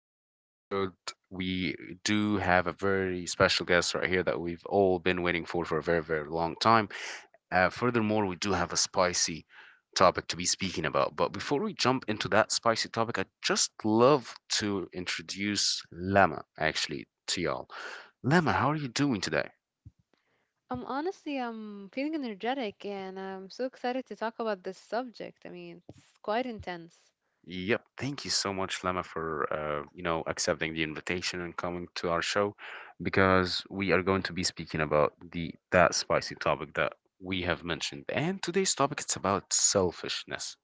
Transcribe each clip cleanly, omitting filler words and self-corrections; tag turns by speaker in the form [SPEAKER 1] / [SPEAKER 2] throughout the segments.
[SPEAKER 1] today's episode, we do have a very special guest right here that we've all been waiting for a very, very long time. Furthermore, we do have a spicy topic to be speaking about. But before we jump into that spicy topic, I'd just love to introduce Lama actually to y'all. Lama, how are you doing today?
[SPEAKER 2] Honestly, I'm feeling energetic and I'm so excited to talk about this subject. I mean, it's quite intense.
[SPEAKER 1] Yep. Thank you so much, Lama, for accepting the invitation and coming to our show, because we are going to be speaking about the that spicy topic that we have mentioned. And today's topic it's about selfishness.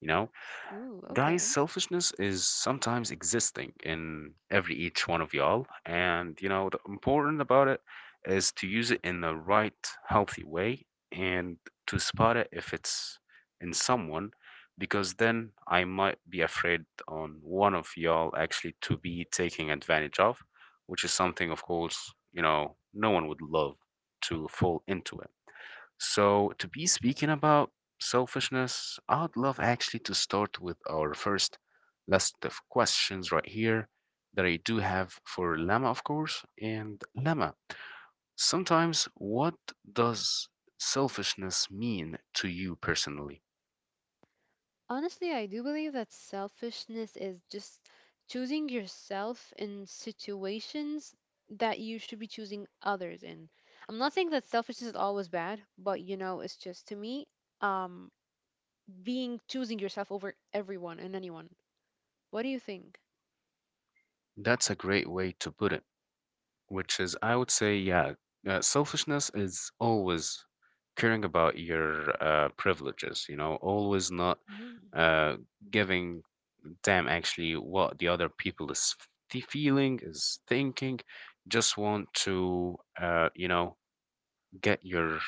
[SPEAKER 1] You know,
[SPEAKER 2] Ooh,
[SPEAKER 1] guys,
[SPEAKER 2] okay.
[SPEAKER 1] selfishness is sometimes existing in every each one of y'all. And, you know, the important about it is to use it in the right, healthy way and to spot it if it's in someone, because then I might be afraid on one of y'all actually to be taking advantage of, which is something, of course, you know, no one would love to fall into it. So, to be speaking about selfishness, I'd love actually to start with our first list of questions right here that I do have for Lama, of course. And Lama, sometimes what does selfishness mean to you personally?
[SPEAKER 2] Honestly, I do believe that selfishness is just choosing yourself in situations that you should be choosing others in. I'm not saying that selfishness is always bad, but you know, it's just to me, um, being choosing yourself over everyone and anyone. What do you think?
[SPEAKER 1] That's a great way to put it. Which is, I would say, yeah, selfishness is always caring about your privileges, you know, always not
[SPEAKER 2] Mm,
[SPEAKER 1] uh, giving damn actually what the other people is feeling, is thinking, just want to, you know, get your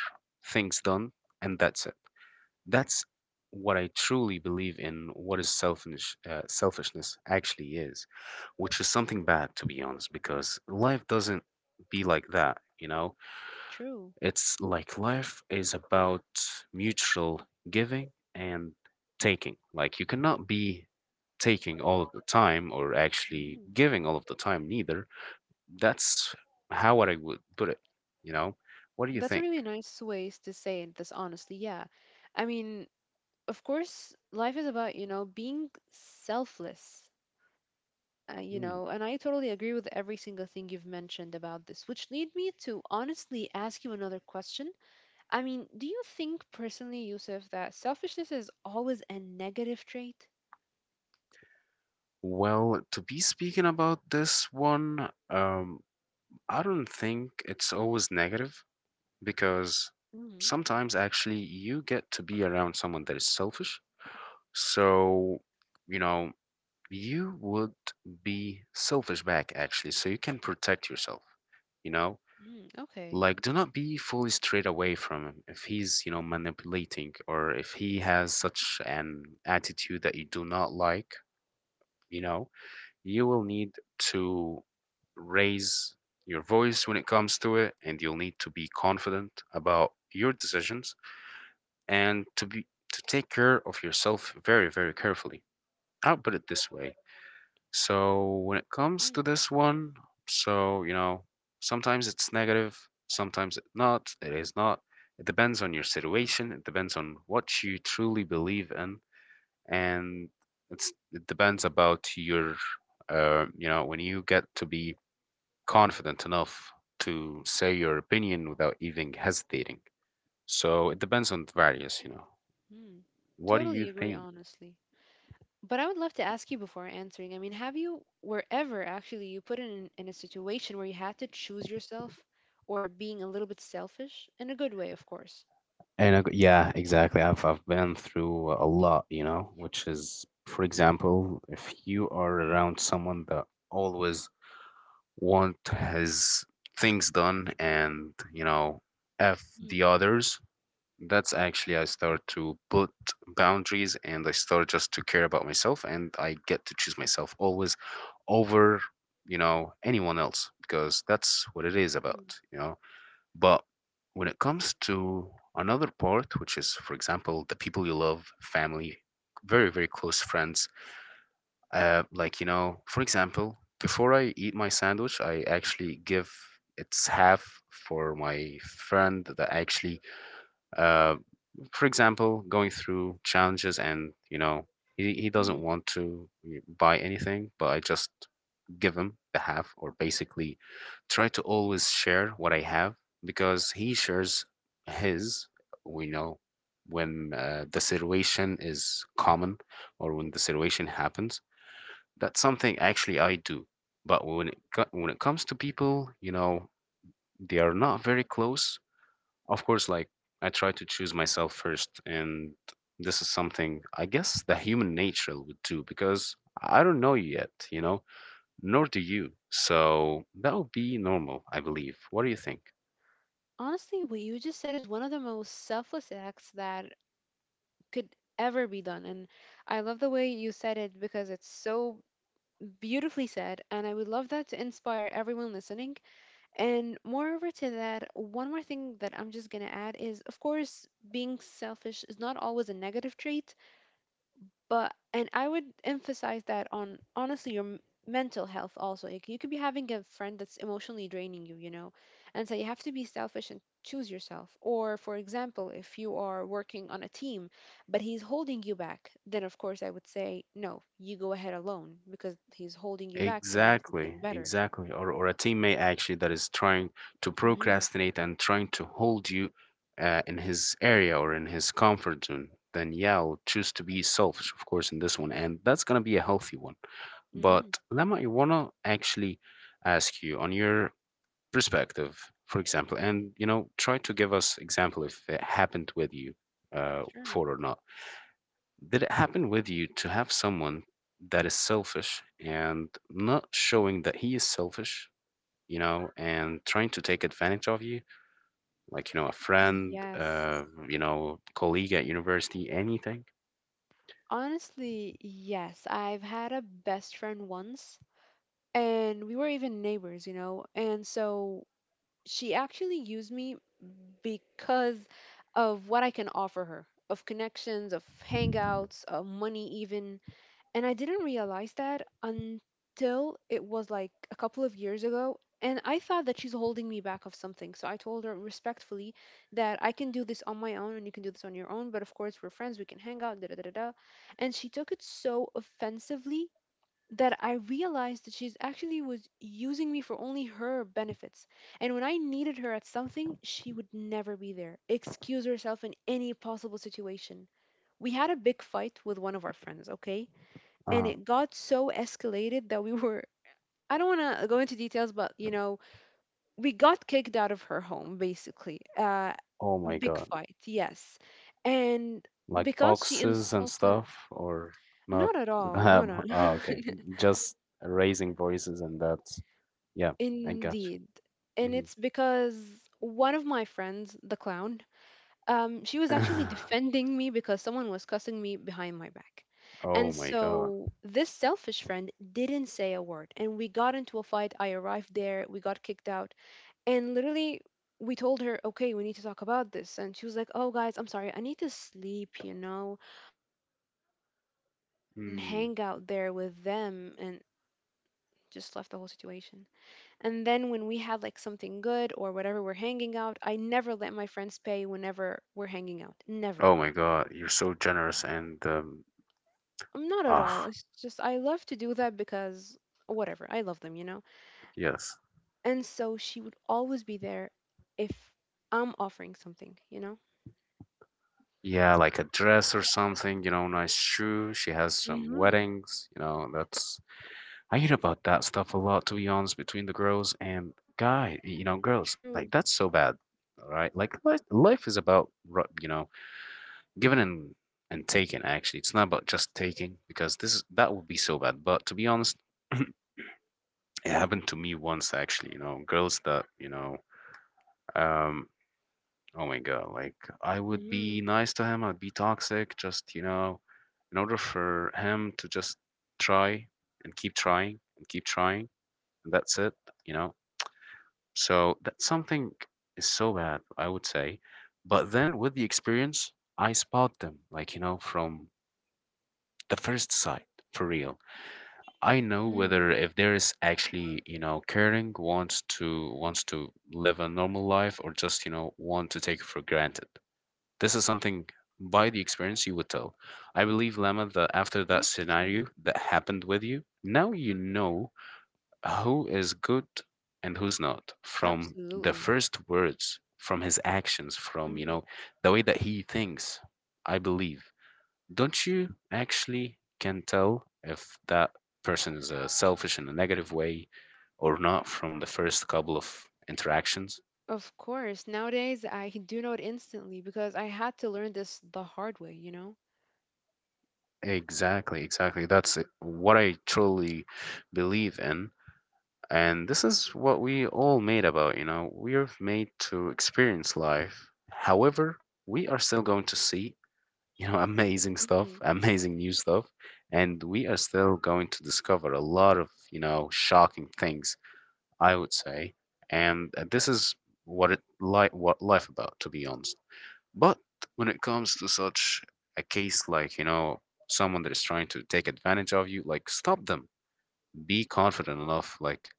[SPEAKER 1] things done, and that's it. That's what I truly believe in what is selfishness actually is, which is something bad to be honest, because life doesn't be like that, you know?
[SPEAKER 2] true.
[SPEAKER 1] It's like life is about mutual giving and taking. Like you cannot be taking all of the time or actually
[SPEAKER 2] Mhm.
[SPEAKER 1] giving all of the time neither. That's how what I would put it, you know? What do you
[SPEAKER 2] That's a
[SPEAKER 1] think?
[SPEAKER 2] really nice ways to say it, this honestly. Yeah. I mean, of course, life is about, you know, being selfless, you
[SPEAKER 1] Hmm.
[SPEAKER 2] know, and I totally agree with every single thing you've mentioned about this, which lead me to honestly ask you another question. I mean, do you think personally, Yusuf, that selfishness is always a negative trait?
[SPEAKER 1] To be speaking about this one, I don't think it's always negative because
[SPEAKER 2] Mm-hmm.
[SPEAKER 1] sometimes actually you get to be around someone that is selfish. So, you know, you would be selfish back actually, so you can protect yourself, you know?
[SPEAKER 2] Mm, okay.
[SPEAKER 1] Like, do not be fully straight away from him if he's, you know, manipulating or if he has such an attitude that you do not like, you know? You will need to raise your voice when it comes to it, and you'll need to be confident about your decisions and to take care of yourself very, very carefully. I'll put it this way. So when it comes to this one, so you know, sometimes it's negative, sometimes it is not. It depends on your situation, it depends on what you truly believe in, and it's it depends about your, you know, when you get to be confident enough to say your opinion without even hesitating. So it depends on the various, you know.
[SPEAKER 2] Mm-hmm.
[SPEAKER 1] What do you
[SPEAKER 2] Totally agree,
[SPEAKER 1] think?
[SPEAKER 2] honestly. But I would love to ask you before answering. I mean, have you, wherever actually you put in a situation where you had to choose yourself or being a little bit selfish in a good way, of course?
[SPEAKER 1] And yeah, exactly. I've been through a lot, you know, which is, for example, if you are around someone that always want his things done and, you know, F the
[SPEAKER 2] Mm,
[SPEAKER 1] others, that's actually I start to put boundaries, and I start just to care about myself, and I get to choose myself always over, you know, anyone else, because that's what it is about,
[SPEAKER 2] mm,
[SPEAKER 1] you know. But when it comes to another part, which is, for example, the people you love, family, very, very close friends, like, you know, for example, before I eat my sandwich, I actually give its half for my friend that actually, uh, for example, going through challenges, and, you know, he doesn't
[SPEAKER 2] mm.
[SPEAKER 1] want to buy anything, but I just give him the half, or basically try to always share what I have, because he shares his, we know, when the situation is common or when the situation happens. That's something actually I do. But when when it comes to people, you know, they are not very close, of course. Like, I try to choose myself first, and this is something I guess the human nature would do, because I don't know you yet, you know, nor do you, so that would be normal, I believe. What do you think?
[SPEAKER 2] Honestly, what you just said is one of the most selfless acts that could ever be done. And I love the way you said it because it's so beautifully said. And I would love that to inspire everyone listening. And moreover to that, one more thing that I'm just gonna add is, of course, being selfish is not always a negative trait, but and I would emphasize that on honestly your mental health also. Like you could be having a friend that's emotionally draining you, you know, and so you have to be selfish and choose yourself. Or for example, if you are working on a team, but he's holding you back, then of course I would say no, you go ahead alone because he's holding you back from being
[SPEAKER 1] Exactly,
[SPEAKER 2] something better.
[SPEAKER 1] exactly. Or a teammate actually that is trying to
[SPEAKER 2] Mhm.
[SPEAKER 1] procrastinate and trying to hold you in his area or in his comfort zone, then yeah, I'll choose to be selfish, of course, in this one. And that's going to be a healthy one.
[SPEAKER 2] Mhm.
[SPEAKER 1] But Lama, I want to actually ask you on your perspective, for example, and you know, try to give us example if it happened with you
[SPEAKER 2] Sure.
[SPEAKER 1] before or not. Did it happen with you to have someone that is selfish and not showing that he is selfish, you know, and trying to take advantage of you? Like, you know, a friend,
[SPEAKER 2] Yes.
[SPEAKER 1] you know, colleague at university, anything?
[SPEAKER 2] Honestly, yes. I've had a best friend once, and we were even neighbors, you know. And so she actually used me because of what I can offer her, of connections, of hangouts, of money, even. And I didn't realize that until it was like a couple of years ago. And I thought that she's holding me back of something. So I told her respectfully that I can do this on my own and you can do this on your own. But of course, we're friends. We can hang out. Da, da, da, da, da. And she took it so offensively that I realized that she's actually was using me for only her benefits. And when I needed her at something, she would never be there, excuse herself in any possible situation. We had a big fight with one of our friends, okay? And
[SPEAKER 1] Uh,
[SPEAKER 2] it got so escalated that we were, I don't want to go into details, but you know, we got kicked out of her home basically.
[SPEAKER 1] oh my
[SPEAKER 2] Big
[SPEAKER 1] God.
[SPEAKER 2] fight, yes, and
[SPEAKER 1] Like
[SPEAKER 2] because she
[SPEAKER 1] boxes and
[SPEAKER 2] insulted,
[SPEAKER 1] stuff, or not
[SPEAKER 2] not at
[SPEAKER 1] that?
[SPEAKER 2] all, no, no,
[SPEAKER 1] Oh, okay. Just raising voices and that's, yeah, I got
[SPEAKER 2] indeed, and
[SPEAKER 1] you.
[SPEAKER 2] it's because one of my friends, the clown, she was actually defending me because someone was cussing me behind my back.
[SPEAKER 1] Oh
[SPEAKER 2] And
[SPEAKER 1] my god.
[SPEAKER 2] so this selfish friend didn't say a word. And we got into a fight. I arrived there. We got kicked out. And literally, we told her, okay, we need to talk about this. And she was like, oh, guys, I'm sorry. I need to sleep, you know? Yeah, I'm just gonna go and
[SPEAKER 1] Mm.
[SPEAKER 2] hang out there with them and just left the whole situation. And then when we had like something good or whatever we're hanging out, I never let my friends pay whenever we're hanging out. Never.
[SPEAKER 1] Oh my god, you're so generous and
[SPEAKER 2] Not at all.
[SPEAKER 1] ah,
[SPEAKER 2] It's just, I love to do that because whatever. I love them, you know?
[SPEAKER 1] yes.
[SPEAKER 2] And so she would always be there if I'm offering something, you know?
[SPEAKER 1] Yeah, like a dress or something, you know, nice shoe. She has
[SPEAKER 2] Mm
[SPEAKER 1] some
[SPEAKER 2] hmm.
[SPEAKER 1] weddings, you know, that's, I hear about that stuff a lot to be honest between the girls and guy, you know, girls.
[SPEAKER 2] True.
[SPEAKER 1] Like that's so bad. All right? Like life is about you know, giving and taking actually. It's not about just taking, because this is that would be so bad. But to be honest, it happened to me once actually, you know, girls that, you know, um, oh my God, like I would
[SPEAKER 2] Mm-hmm.
[SPEAKER 1] be nice to him, I'd be toxic, just, you know, in order for him to just try and keep trying and keep trying, and that's it, you know. So that's something is so bad, I would say. But then with the experience, I spot them, like, you know, from the first sight, for real. I know
[SPEAKER 2] Mm-hmm.
[SPEAKER 1] whether if there is actually, you know, caring wants to wants to live a normal life, or just, you know, want to take it for granted. This is something by the experience you would tell. I believe, Lama, that after that
[SPEAKER 2] Interesting.
[SPEAKER 1] scenario that happened with you, now you know who is good and who's not from the
[SPEAKER 2] Absolutely.
[SPEAKER 1] first words, from his actions, from, you
[SPEAKER 2] Hmm.
[SPEAKER 1] know, the way that he thinks. I believe, don't you actually can tell if that person is selfish in a negative way or not from the first couple of interactions?
[SPEAKER 2] Of course. Nowadays, I do know it instantly because I had to learn this the hard way, you know?
[SPEAKER 1] Exactly, exactly. What I truly believe in. And this is what we all made about, you know. We are made to experience life. However, we are still going to see, you know, amazing stuff,
[SPEAKER 2] Hmm.
[SPEAKER 1] amazing new stuff, and we are still going to discover a lot of, you know, shocking things, I would say, and this is what it like what life about, to be honest. But when it comes to such a case, like you know, someone that is trying to take advantage of you, like stop them. Be confident enough. Like,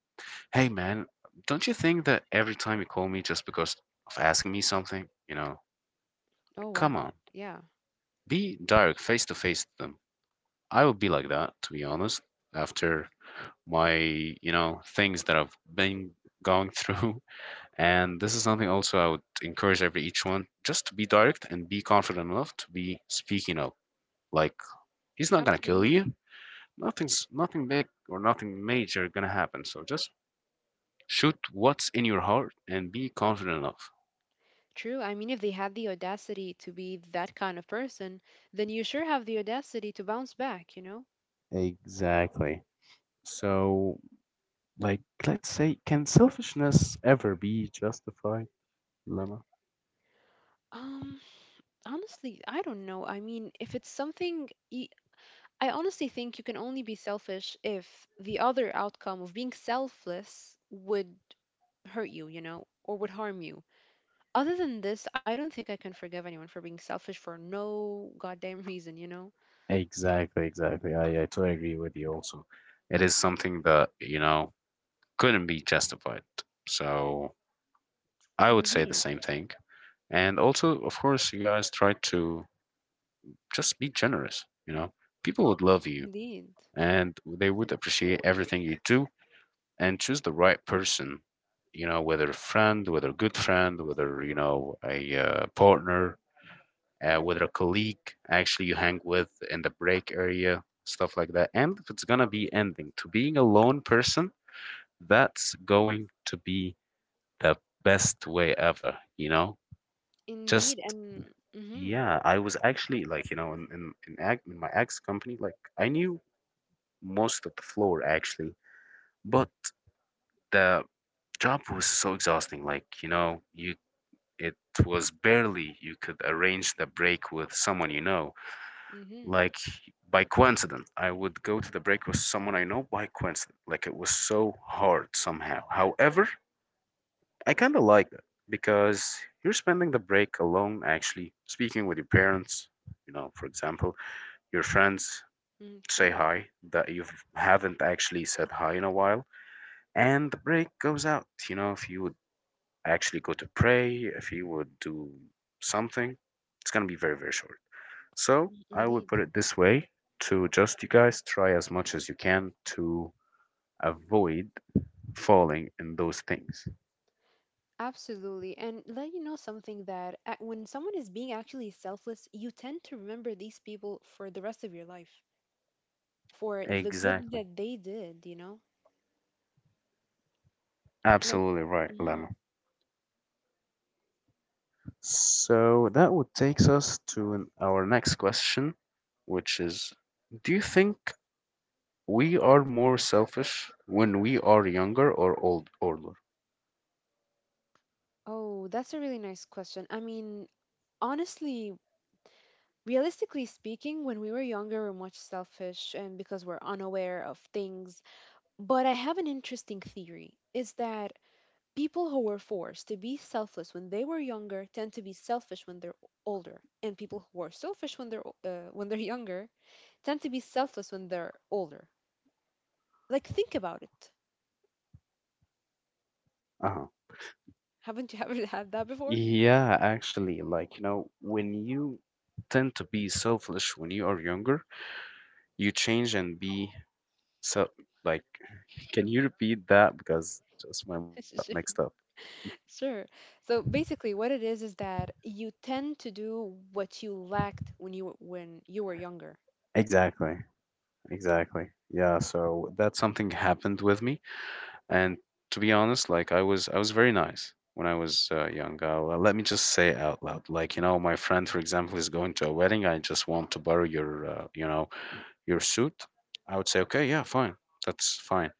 [SPEAKER 1] hey, man, don't you think that every time you call me just because of asking me something, you know,
[SPEAKER 2] Oh,
[SPEAKER 1] come
[SPEAKER 2] wow.
[SPEAKER 1] on,
[SPEAKER 2] Yeah,
[SPEAKER 1] be direct, face to face with them. I would be like that, to be honest. After my, you know, things that I've been going through. And this is something also I would encourage every each one just to be direct and be confident enough to be speaking up. Like he's not gonna kill
[SPEAKER 2] absolutely.
[SPEAKER 1] you. Nothing big or nothing major gonna happen. So just shoot what's in your heart and be confident enough.
[SPEAKER 2] True. I mean, if they had the audacity to be that kind of person, then you sure have the audacity to bounce back, you know?
[SPEAKER 1] Exactly. So, like, let's say, can selfishness ever be justified, Lemma?
[SPEAKER 2] Um, Honestly, I don't know. I mean, if it's something, I honestly think you can only be selfish if the other outcome of being selfless would hurt you, you know, or would harm you. Other than this, I don't think I can forgive anyone for being selfish for no goddamn reason, you know?
[SPEAKER 1] Exactly, exactly. I totally agree with you also. It is something that, you know, couldn't be justified. So I would say the
[SPEAKER 2] Indeed,
[SPEAKER 1] same thing. And also, of course, you guys try to just be generous, you know. People would love you
[SPEAKER 2] indeed,
[SPEAKER 1] and they would appreciate everything you do and choose the right person, you know, whether a friend, whether a good friend, whether, you know, a partner, whether a colleague actually you hang with in the break area, stuff like that. And if it's gonna be ending to being a lone person, that's going to be the best way ever, you know. Just
[SPEAKER 2] indeed, and mm-hmm,
[SPEAKER 1] yeah, I was actually, like, you know, in my ex company, like, I knew most of the floor actually. But the job was so exhausting, like, you know, you, it was barely you could arrange the break with someone, you know.
[SPEAKER 2] mm-hmm,
[SPEAKER 1] Like by coincidence I would go to the break with someone I know by coincidence. Like it was so hard somehow. However, I kind of like that because you're spending the break alone, actually speaking with your parents, you know, for example, your friends,
[SPEAKER 2] mm,
[SPEAKER 1] say
[SPEAKER 2] true,
[SPEAKER 1] hi that you haven't actually said hi in a while. And the break goes out, you know, if you would actually go to pray, if he would do something, it's going to be very, very short. So
[SPEAKER 2] mm,
[SPEAKER 1] I would
[SPEAKER 2] indeed.
[SPEAKER 1] put it this way, to just you guys try as much as you can to avoid falling in those things.
[SPEAKER 2] Absolutely. And let you know something that when someone is being actually selfless, you tend to remember these people for the rest of your life, for the good
[SPEAKER 1] Exactly.
[SPEAKER 2] that they did, you know? Like,
[SPEAKER 1] Absolutely right,
[SPEAKER 2] mhm.
[SPEAKER 1] Lemma. So that would takes us to our next question, which is, do you think we are more selfish when we are younger or older.
[SPEAKER 2] Oh, that's a really nice question. I mean, honestly, realistically speaking, when we were younger, we're much selfish and because we're unaware of things. But I have an interesting theory is that people who were forced to be selfless when they were younger tend to be selfish when they're older, and people who are selfish when they're when they're younger tend to be selfless when they're older. Like think about it.
[SPEAKER 1] Uh-huh.
[SPEAKER 2] Haven't you ever had that before?
[SPEAKER 1] Yeah, actually, like, you know, when you tend to be selfish when you are younger, you change and be so, like, can you repeat that? Because just my mind got
[SPEAKER 2] Sure.
[SPEAKER 1] mixed up.
[SPEAKER 2] Sure. So basically, what it is that you tend to do what you lacked when you when you were younger.
[SPEAKER 1] Exactly. Exactly. Yeah, so that something happened with me. And to be honest, like, I was very nice when I was young. Well, let me just say it out loud. Like, you know, my friend, for example, is going to a wedding. I just want to borrow your, you know, your suit. I would say, okay, yeah, fine. That's fine.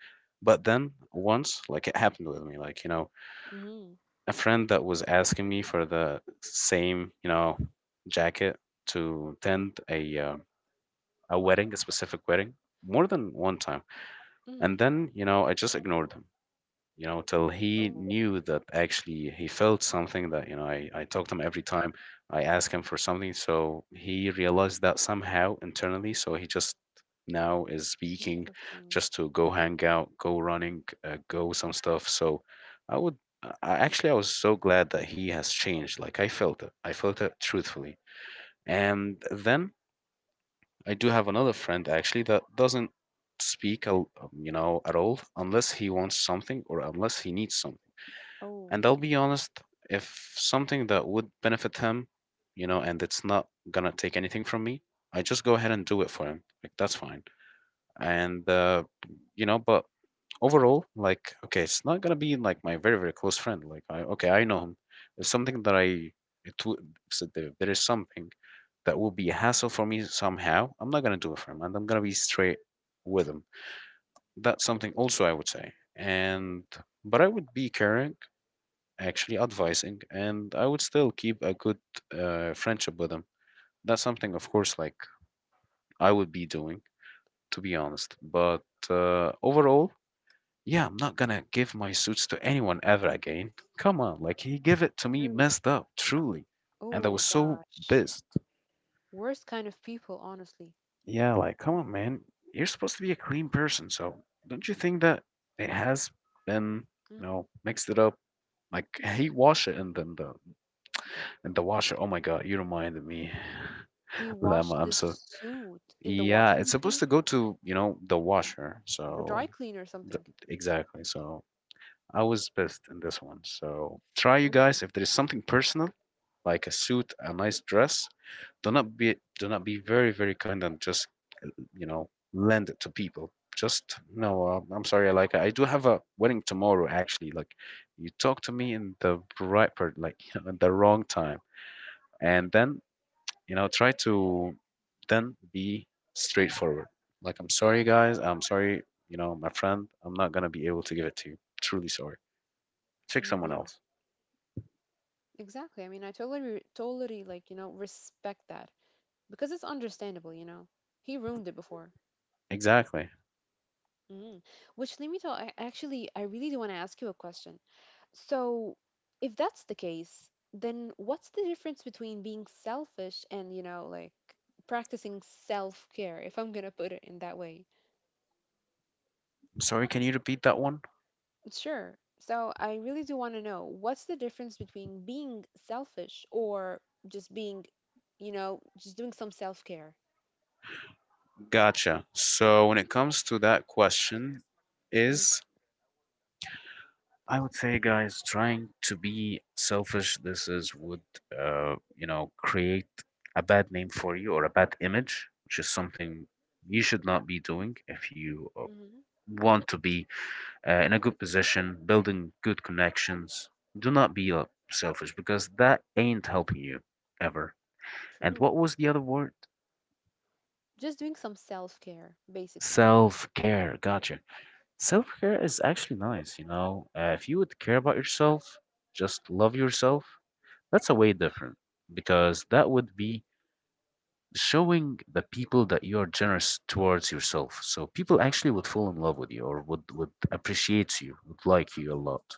[SPEAKER 1] But then once, like it happened with me, like, you know,
[SPEAKER 2] Mhm.
[SPEAKER 1] a friend that was asking me for the same, you know, jacket to attend a wedding, a specific wedding, more than one time. And
[SPEAKER 2] Mhm.
[SPEAKER 1] then, you know, I just ignored him, you know, till he
[SPEAKER 2] Oh,
[SPEAKER 1] knew that actually he felt something that, you know, I talked to him every time I asked him for something. So he realized that somehow internally. So he just now is speaking
[SPEAKER 2] interesting.
[SPEAKER 1] just to go hang out, go running, go some stuff. So I would, actually, I was so glad that he has changed. Like I felt it truthfully. And then I do have another friend actually that doesn't speak, you know, at all unless he wants something or unless he needs something.
[SPEAKER 2] Oh,
[SPEAKER 1] And I'll be honest, if something that would benefit him, you know, and it's not gonna take anything from me, I just go ahead and do it for him. Like that's fine. And you know, but overall,
[SPEAKER 2] interesting.
[SPEAKER 1] like, okay, it's not gonna be like my very, very close friend. Like, I, okay, I know him. It's something that I it w- so there is something that will be a hassle for me somehow. I'm not gonna do it for him, and I'm gonna be straight with him. That's something also I would say. And but I would be care, actually advising, and I would still keep a good friendship with him. That's something, of course, like I would be doing, to be honest. But overall, yeah, I'm not gonna give my suits to anyone ever again. Come on, like he gave it to me
[SPEAKER 2] True.
[SPEAKER 1] messed up, truly, and I was
[SPEAKER 2] Oh
[SPEAKER 1] so
[SPEAKER 2] gosh.
[SPEAKER 1] pissed.
[SPEAKER 2] Worst kind of people, honestly.
[SPEAKER 1] Yeah, like come on, man, you're supposed to be a clean person, so don't you think that it has been,
[SPEAKER 2] Mm.
[SPEAKER 1] you know, mixed it up? Like he washed it and then the and the washer. Oh my God, you reminded me.
[SPEAKER 2] He
[SPEAKER 1] Llama,
[SPEAKER 2] washed
[SPEAKER 1] I'm
[SPEAKER 2] the
[SPEAKER 1] so,
[SPEAKER 2] suit in the
[SPEAKER 1] yeah,
[SPEAKER 2] washing
[SPEAKER 1] it's supposed
[SPEAKER 2] machine,
[SPEAKER 1] to go to, you know, the washer.
[SPEAKER 2] the dry
[SPEAKER 1] So
[SPEAKER 2] cleaner or
[SPEAKER 1] the,
[SPEAKER 2] something.
[SPEAKER 1] exactly. So I was pissed in this one. So try, you guys,
[SPEAKER 2] Oh,
[SPEAKER 1] if there is something personal, like a suit, a nice dress, do not be very, very kind and just, you know, lend it to people. Just no, I'm sorry, like I do have a wedding tomorrow actually. Like you talk to me in the right part, like you know, in the wrong time. And then, you know, try to then be straightforward. Like, I'm sorry guys, I'm sorry, you know, my friend, I'm not going to be able to give it to you, truly sorry, pick someone
[SPEAKER 2] indeed.
[SPEAKER 1] else.
[SPEAKER 2] Exactly. I mean, I totally, totally like, you know, respect that because it's understandable, you know. He ruined it before.
[SPEAKER 1] Exactly. I'm
[SPEAKER 2] Mm. Which, let me tell, I actually, I really do want to ask you a question. So, if that's the case, then what's the difference between being selfish and, you know, like practicing self care, if I'm going to put it in that way?
[SPEAKER 1] sorry, can you repeat that one?
[SPEAKER 2] Sure. So, I really do want to know what's the difference between being selfish or just being, you know, just doing some self care?
[SPEAKER 1] Gotcha. So when it comes to that question is, I would say, guys, trying to be selfish, this is would, you know, create a bad name for you or a bad image, which is something you should not be doing if you
[SPEAKER 2] Mm-hmm.
[SPEAKER 1] want to be in a good position, building good connections. Do not be selfish, because that ain't helping you ever. And
[SPEAKER 2] True.
[SPEAKER 1] what was the other word?
[SPEAKER 2] Just doing some self care, basically.
[SPEAKER 1] Self care. Gotcha. Self care is actually nice, you know. If you would care about yourself, just love yourself, that's a way different because that would be showing the people that you are generous towards yourself. So people actually would fall in love with you, or would appreciate you, would like you a lot.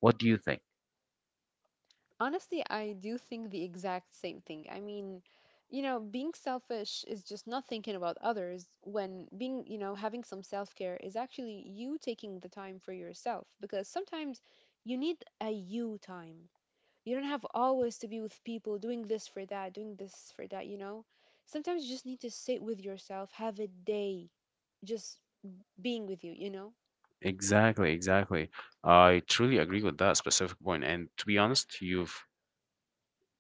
[SPEAKER 1] What do you think?
[SPEAKER 2] Honestly, I do think the exact same thing. I mean, you know, being selfish is just not thinking about others when being, you know, having some self care is actually you taking the time for yourself because sometimes you need a you time. You don't have always to be with people doing this for that, doing this for that, you know? Sometimes you just need to sit with yourself, have a day just being with you, you know?
[SPEAKER 1] Exactly, exactly. I truly agree with that specific point. And to be honest, you've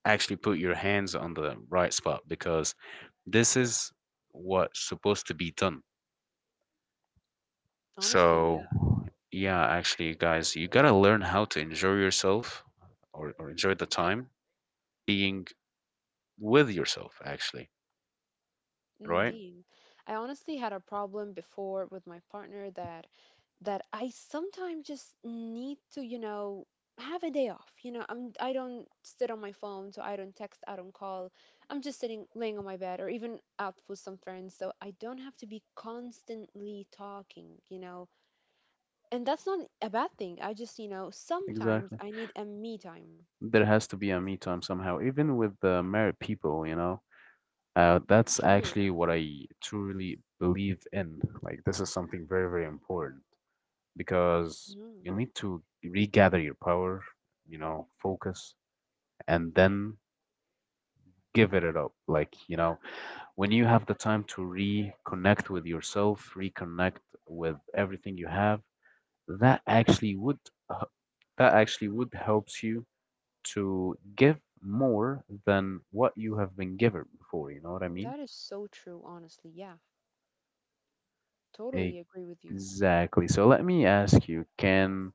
[SPEAKER 1] actually put your hands on the right spot because this is what's supposed to be done.
[SPEAKER 2] Honestly, yeah.
[SPEAKER 1] So, yeah, actually, guys, you gotta learn how to enjoy yourself or enjoy the time being with yourself, actually, right?
[SPEAKER 2] Indeed. I honestly had a problem before with my partner that I sometimes just need to, you know, have a day off. You know, I don't sit on my phone, so I don't text, I don't call. I'm just sitting laying on my bed or even out with some friends, so I don't have to be constantly talking, you know. And that's not a bad thing. I just, you know, sometimes
[SPEAKER 1] Exactly.
[SPEAKER 2] I need a me time.
[SPEAKER 1] There has to be a me time somehow, even with the married people, you know. That's
[SPEAKER 2] True.
[SPEAKER 1] actually what I truly believe in. Like, this is something very, very important because
[SPEAKER 2] Mhm.
[SPEAKER 1] you need to regather your power, you know, focus, and then give it up. Like, you know, when you have the time to reconnect with yourself, reconnect with everything you have, that actually would h- that actually would helps you to give more than what you have been given before. You know what I mean?
[SPEAKER 2] That is so true, honestly. Yeah.
[SPEAKER 1] Eh,
[SPEAKER 2] Totally agree with you.
[SPEAKER 1] Exactly. So let me ask you, can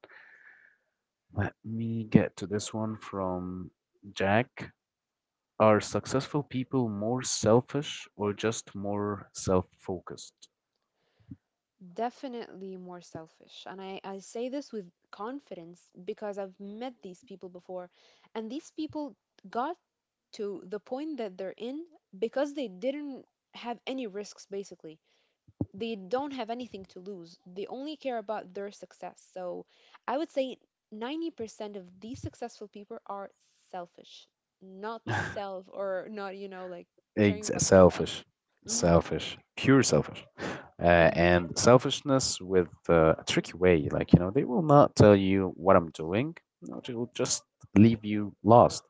[SPEAKER 1] let me get to this one from Jack. Are successful people more selfish or just more self focused?
[SPEAKER 2] Definitely more selfish. And I say this with confidence because I've met these people before, and these people got to the point that they're in because they didn't have any risks, basically. They don't have anything to lose, they only care about their success. So I would say 90% of these successful people are selfish, not self or not, you know, like caring about themselves.
[SPEAKER 1] Selfish,
[SPEAKER 2] Hmm.
[SPEAKER 1] pure selfish,
[SPEAKER 2] Indeed.
[SPEAKER 1] and selfishness with a tricky way. Like, you know, they will not tell you what I'm doing. No, they will just leave you lost.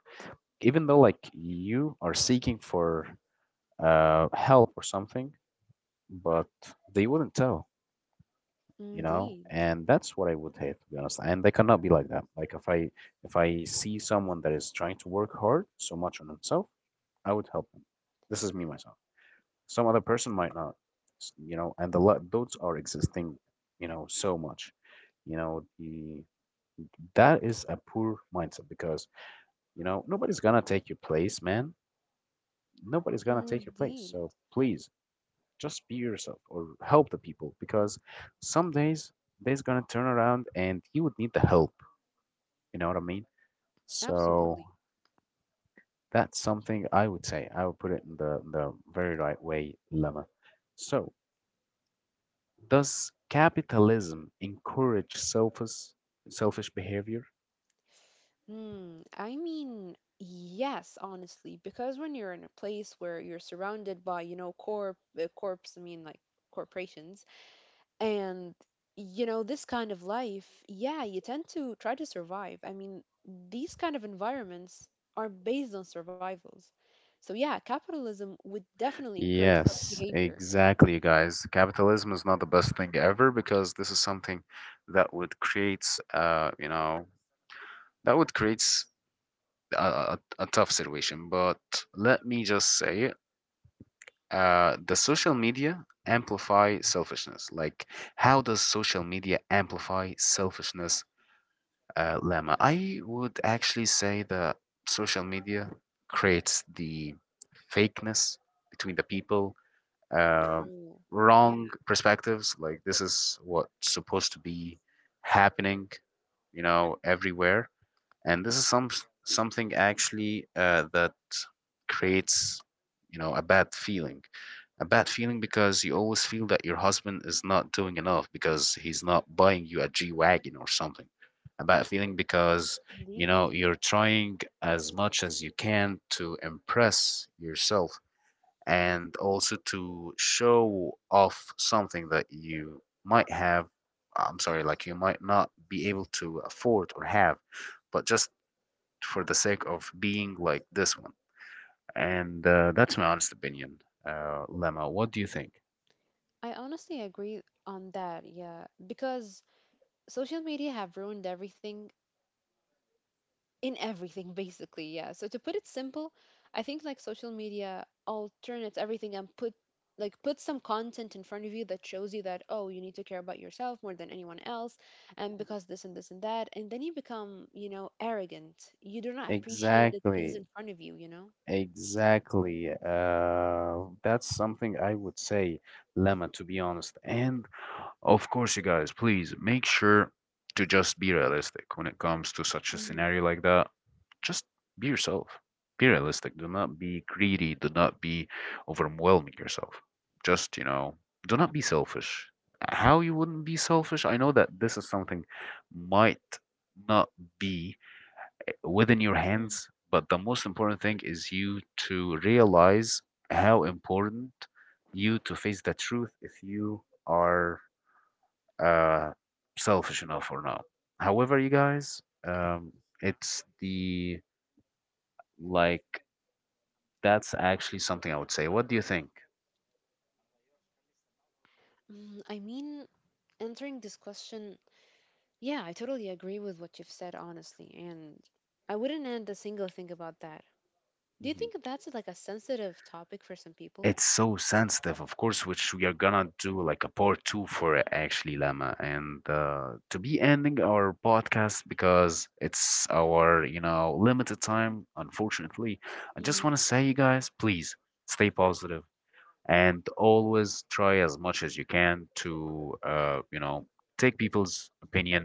[SPEAKER 1] Even though like you are seeking for help or something, but they wouldn't tell. You know,
[SPEAKER 2] Indeed.
[SPEAKER 1] and that's what I would hate to be honest. And they cannot be like that. Like if I see someone that is trying to work hard so much on himself, I would help him. This is me myself. Some other person might not, you know. And the those are existing, you know, so much, you know, the that is a poor mindset because, you know, nobody's gonna take your place, man, nobody's gonna take your place.
[SPEAKER 2] Indeed.
[SPEAKER 1] So please, just be yourself or help the people, because some days they's gonna turn around and you would need the help. You know what I mean? So
[SPEAKER 2] Absolutely.
[SPEAKER 1] that's something I would say, I would put it in the very right way, Lemma. So does capitalism encourage selfish behavior?
[SPEAKER 2] Hmm. I mean, yes, honestly, because when you're in a place where you're surrounded by, you know, corps, I mean, like corporations, and you know, this kind of life, yeah, you tend to try to survive. I mean, these kind of environments are based on survivals. So yeah, capitalism would definitely encourage such
[SPEAKER 1] Yes,
[SPEAKER 2] behavior.
[SPEAKER 1] exactly, guys. Capitalism is not the best thing ever because this is something that would create, you know, that would create a tough situation. But let me just say, the social media amplify selfishness. Like, how does social media amplify selfishness? Lemma, I would actually say that social media creates the fakeness between the people, uh,
[SPEAKER 2] True. Yeah,
[SPEAKER 1] wrong perspectives. Like this is what's supposed to be happening, you know, everywhere. And this is something actually that creates, you know, a bad feeling, a bad feeling because you always feel that your husband is not doing enough because he's not buying you a g-wagon or something, a bad feeling because, you
[SPEAKER 2] indeed.
[SPEAKER 1] know, you're trying as much as you can to impress yourself, and also to show off something that you might have, I'm sorry, like, you might not be able to afford or have, but just for the sake of being like this one. And that's my honest opinion. Lemma, what do you think?
[SPEAKER 2] I honestly agree on that, yeah, because social media have ruined everything in everything basically, yeah, so to put it simple, I think like social media alternates everything and put some content in front of you that shows you that oh you need to care about yourself more than anyone else, and because this and this and that, and then you become, you know, arrogant. You do not appreciate the things
[SPEAKER 1] Exactly,
[SPEAKER 2] in front of you, you know.
[SPEAKER 1] exactly. That's something I would say, Lemma, to be honest. And of course, you guys, please make sure to just be realistic when it comes to such a
[SPEAKER 2] Hmm.
[SPEAKER 1] scenario like that. Just be yourself. Be realistic. Do not be greedy. Do not be overwhelming yourself. Just, you know, do not be selfish. How you wouldn't be selfish? I know that this is something might not be within your
[SPEAKER 2] Mm.
[SPEAKER 1] hands, but the most important thing is you to realize how important, you to face the truth if you are uh, selfish enough or not. However, you guys, um, it's the like that's actually something I would say. What do you think?
[SPEAKER 2] Mm, I mean, answering this question, yeah, I totally agree with what you've said, honestly, and I wouldn't add a single thing about that. Do you
[SPEAKER 1] Mhm.
[SPEAKER 2] think that's like a sensitive topic for some people?
[SPEAKER 1] It's so sensitive, of course, which we are gonna do like a part two for it, actually, Lama, and to be ending our podcast because it's our, you know, limited time, unfortunately. I just want to
[SPEAKER 2] Hmm.
[SPEAKER 1] say, you guys, please stay positive and always try as much as you can to you know, take people's opinion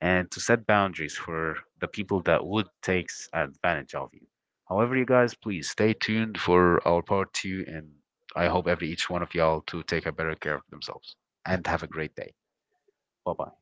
[SPEAKER 1] and to set boundaries for the people that would take advantage of you. However, you guys, please stay tuned for our part two. And I hope every each one of y'all to take a better care of themselves and have a great day. Bye bye.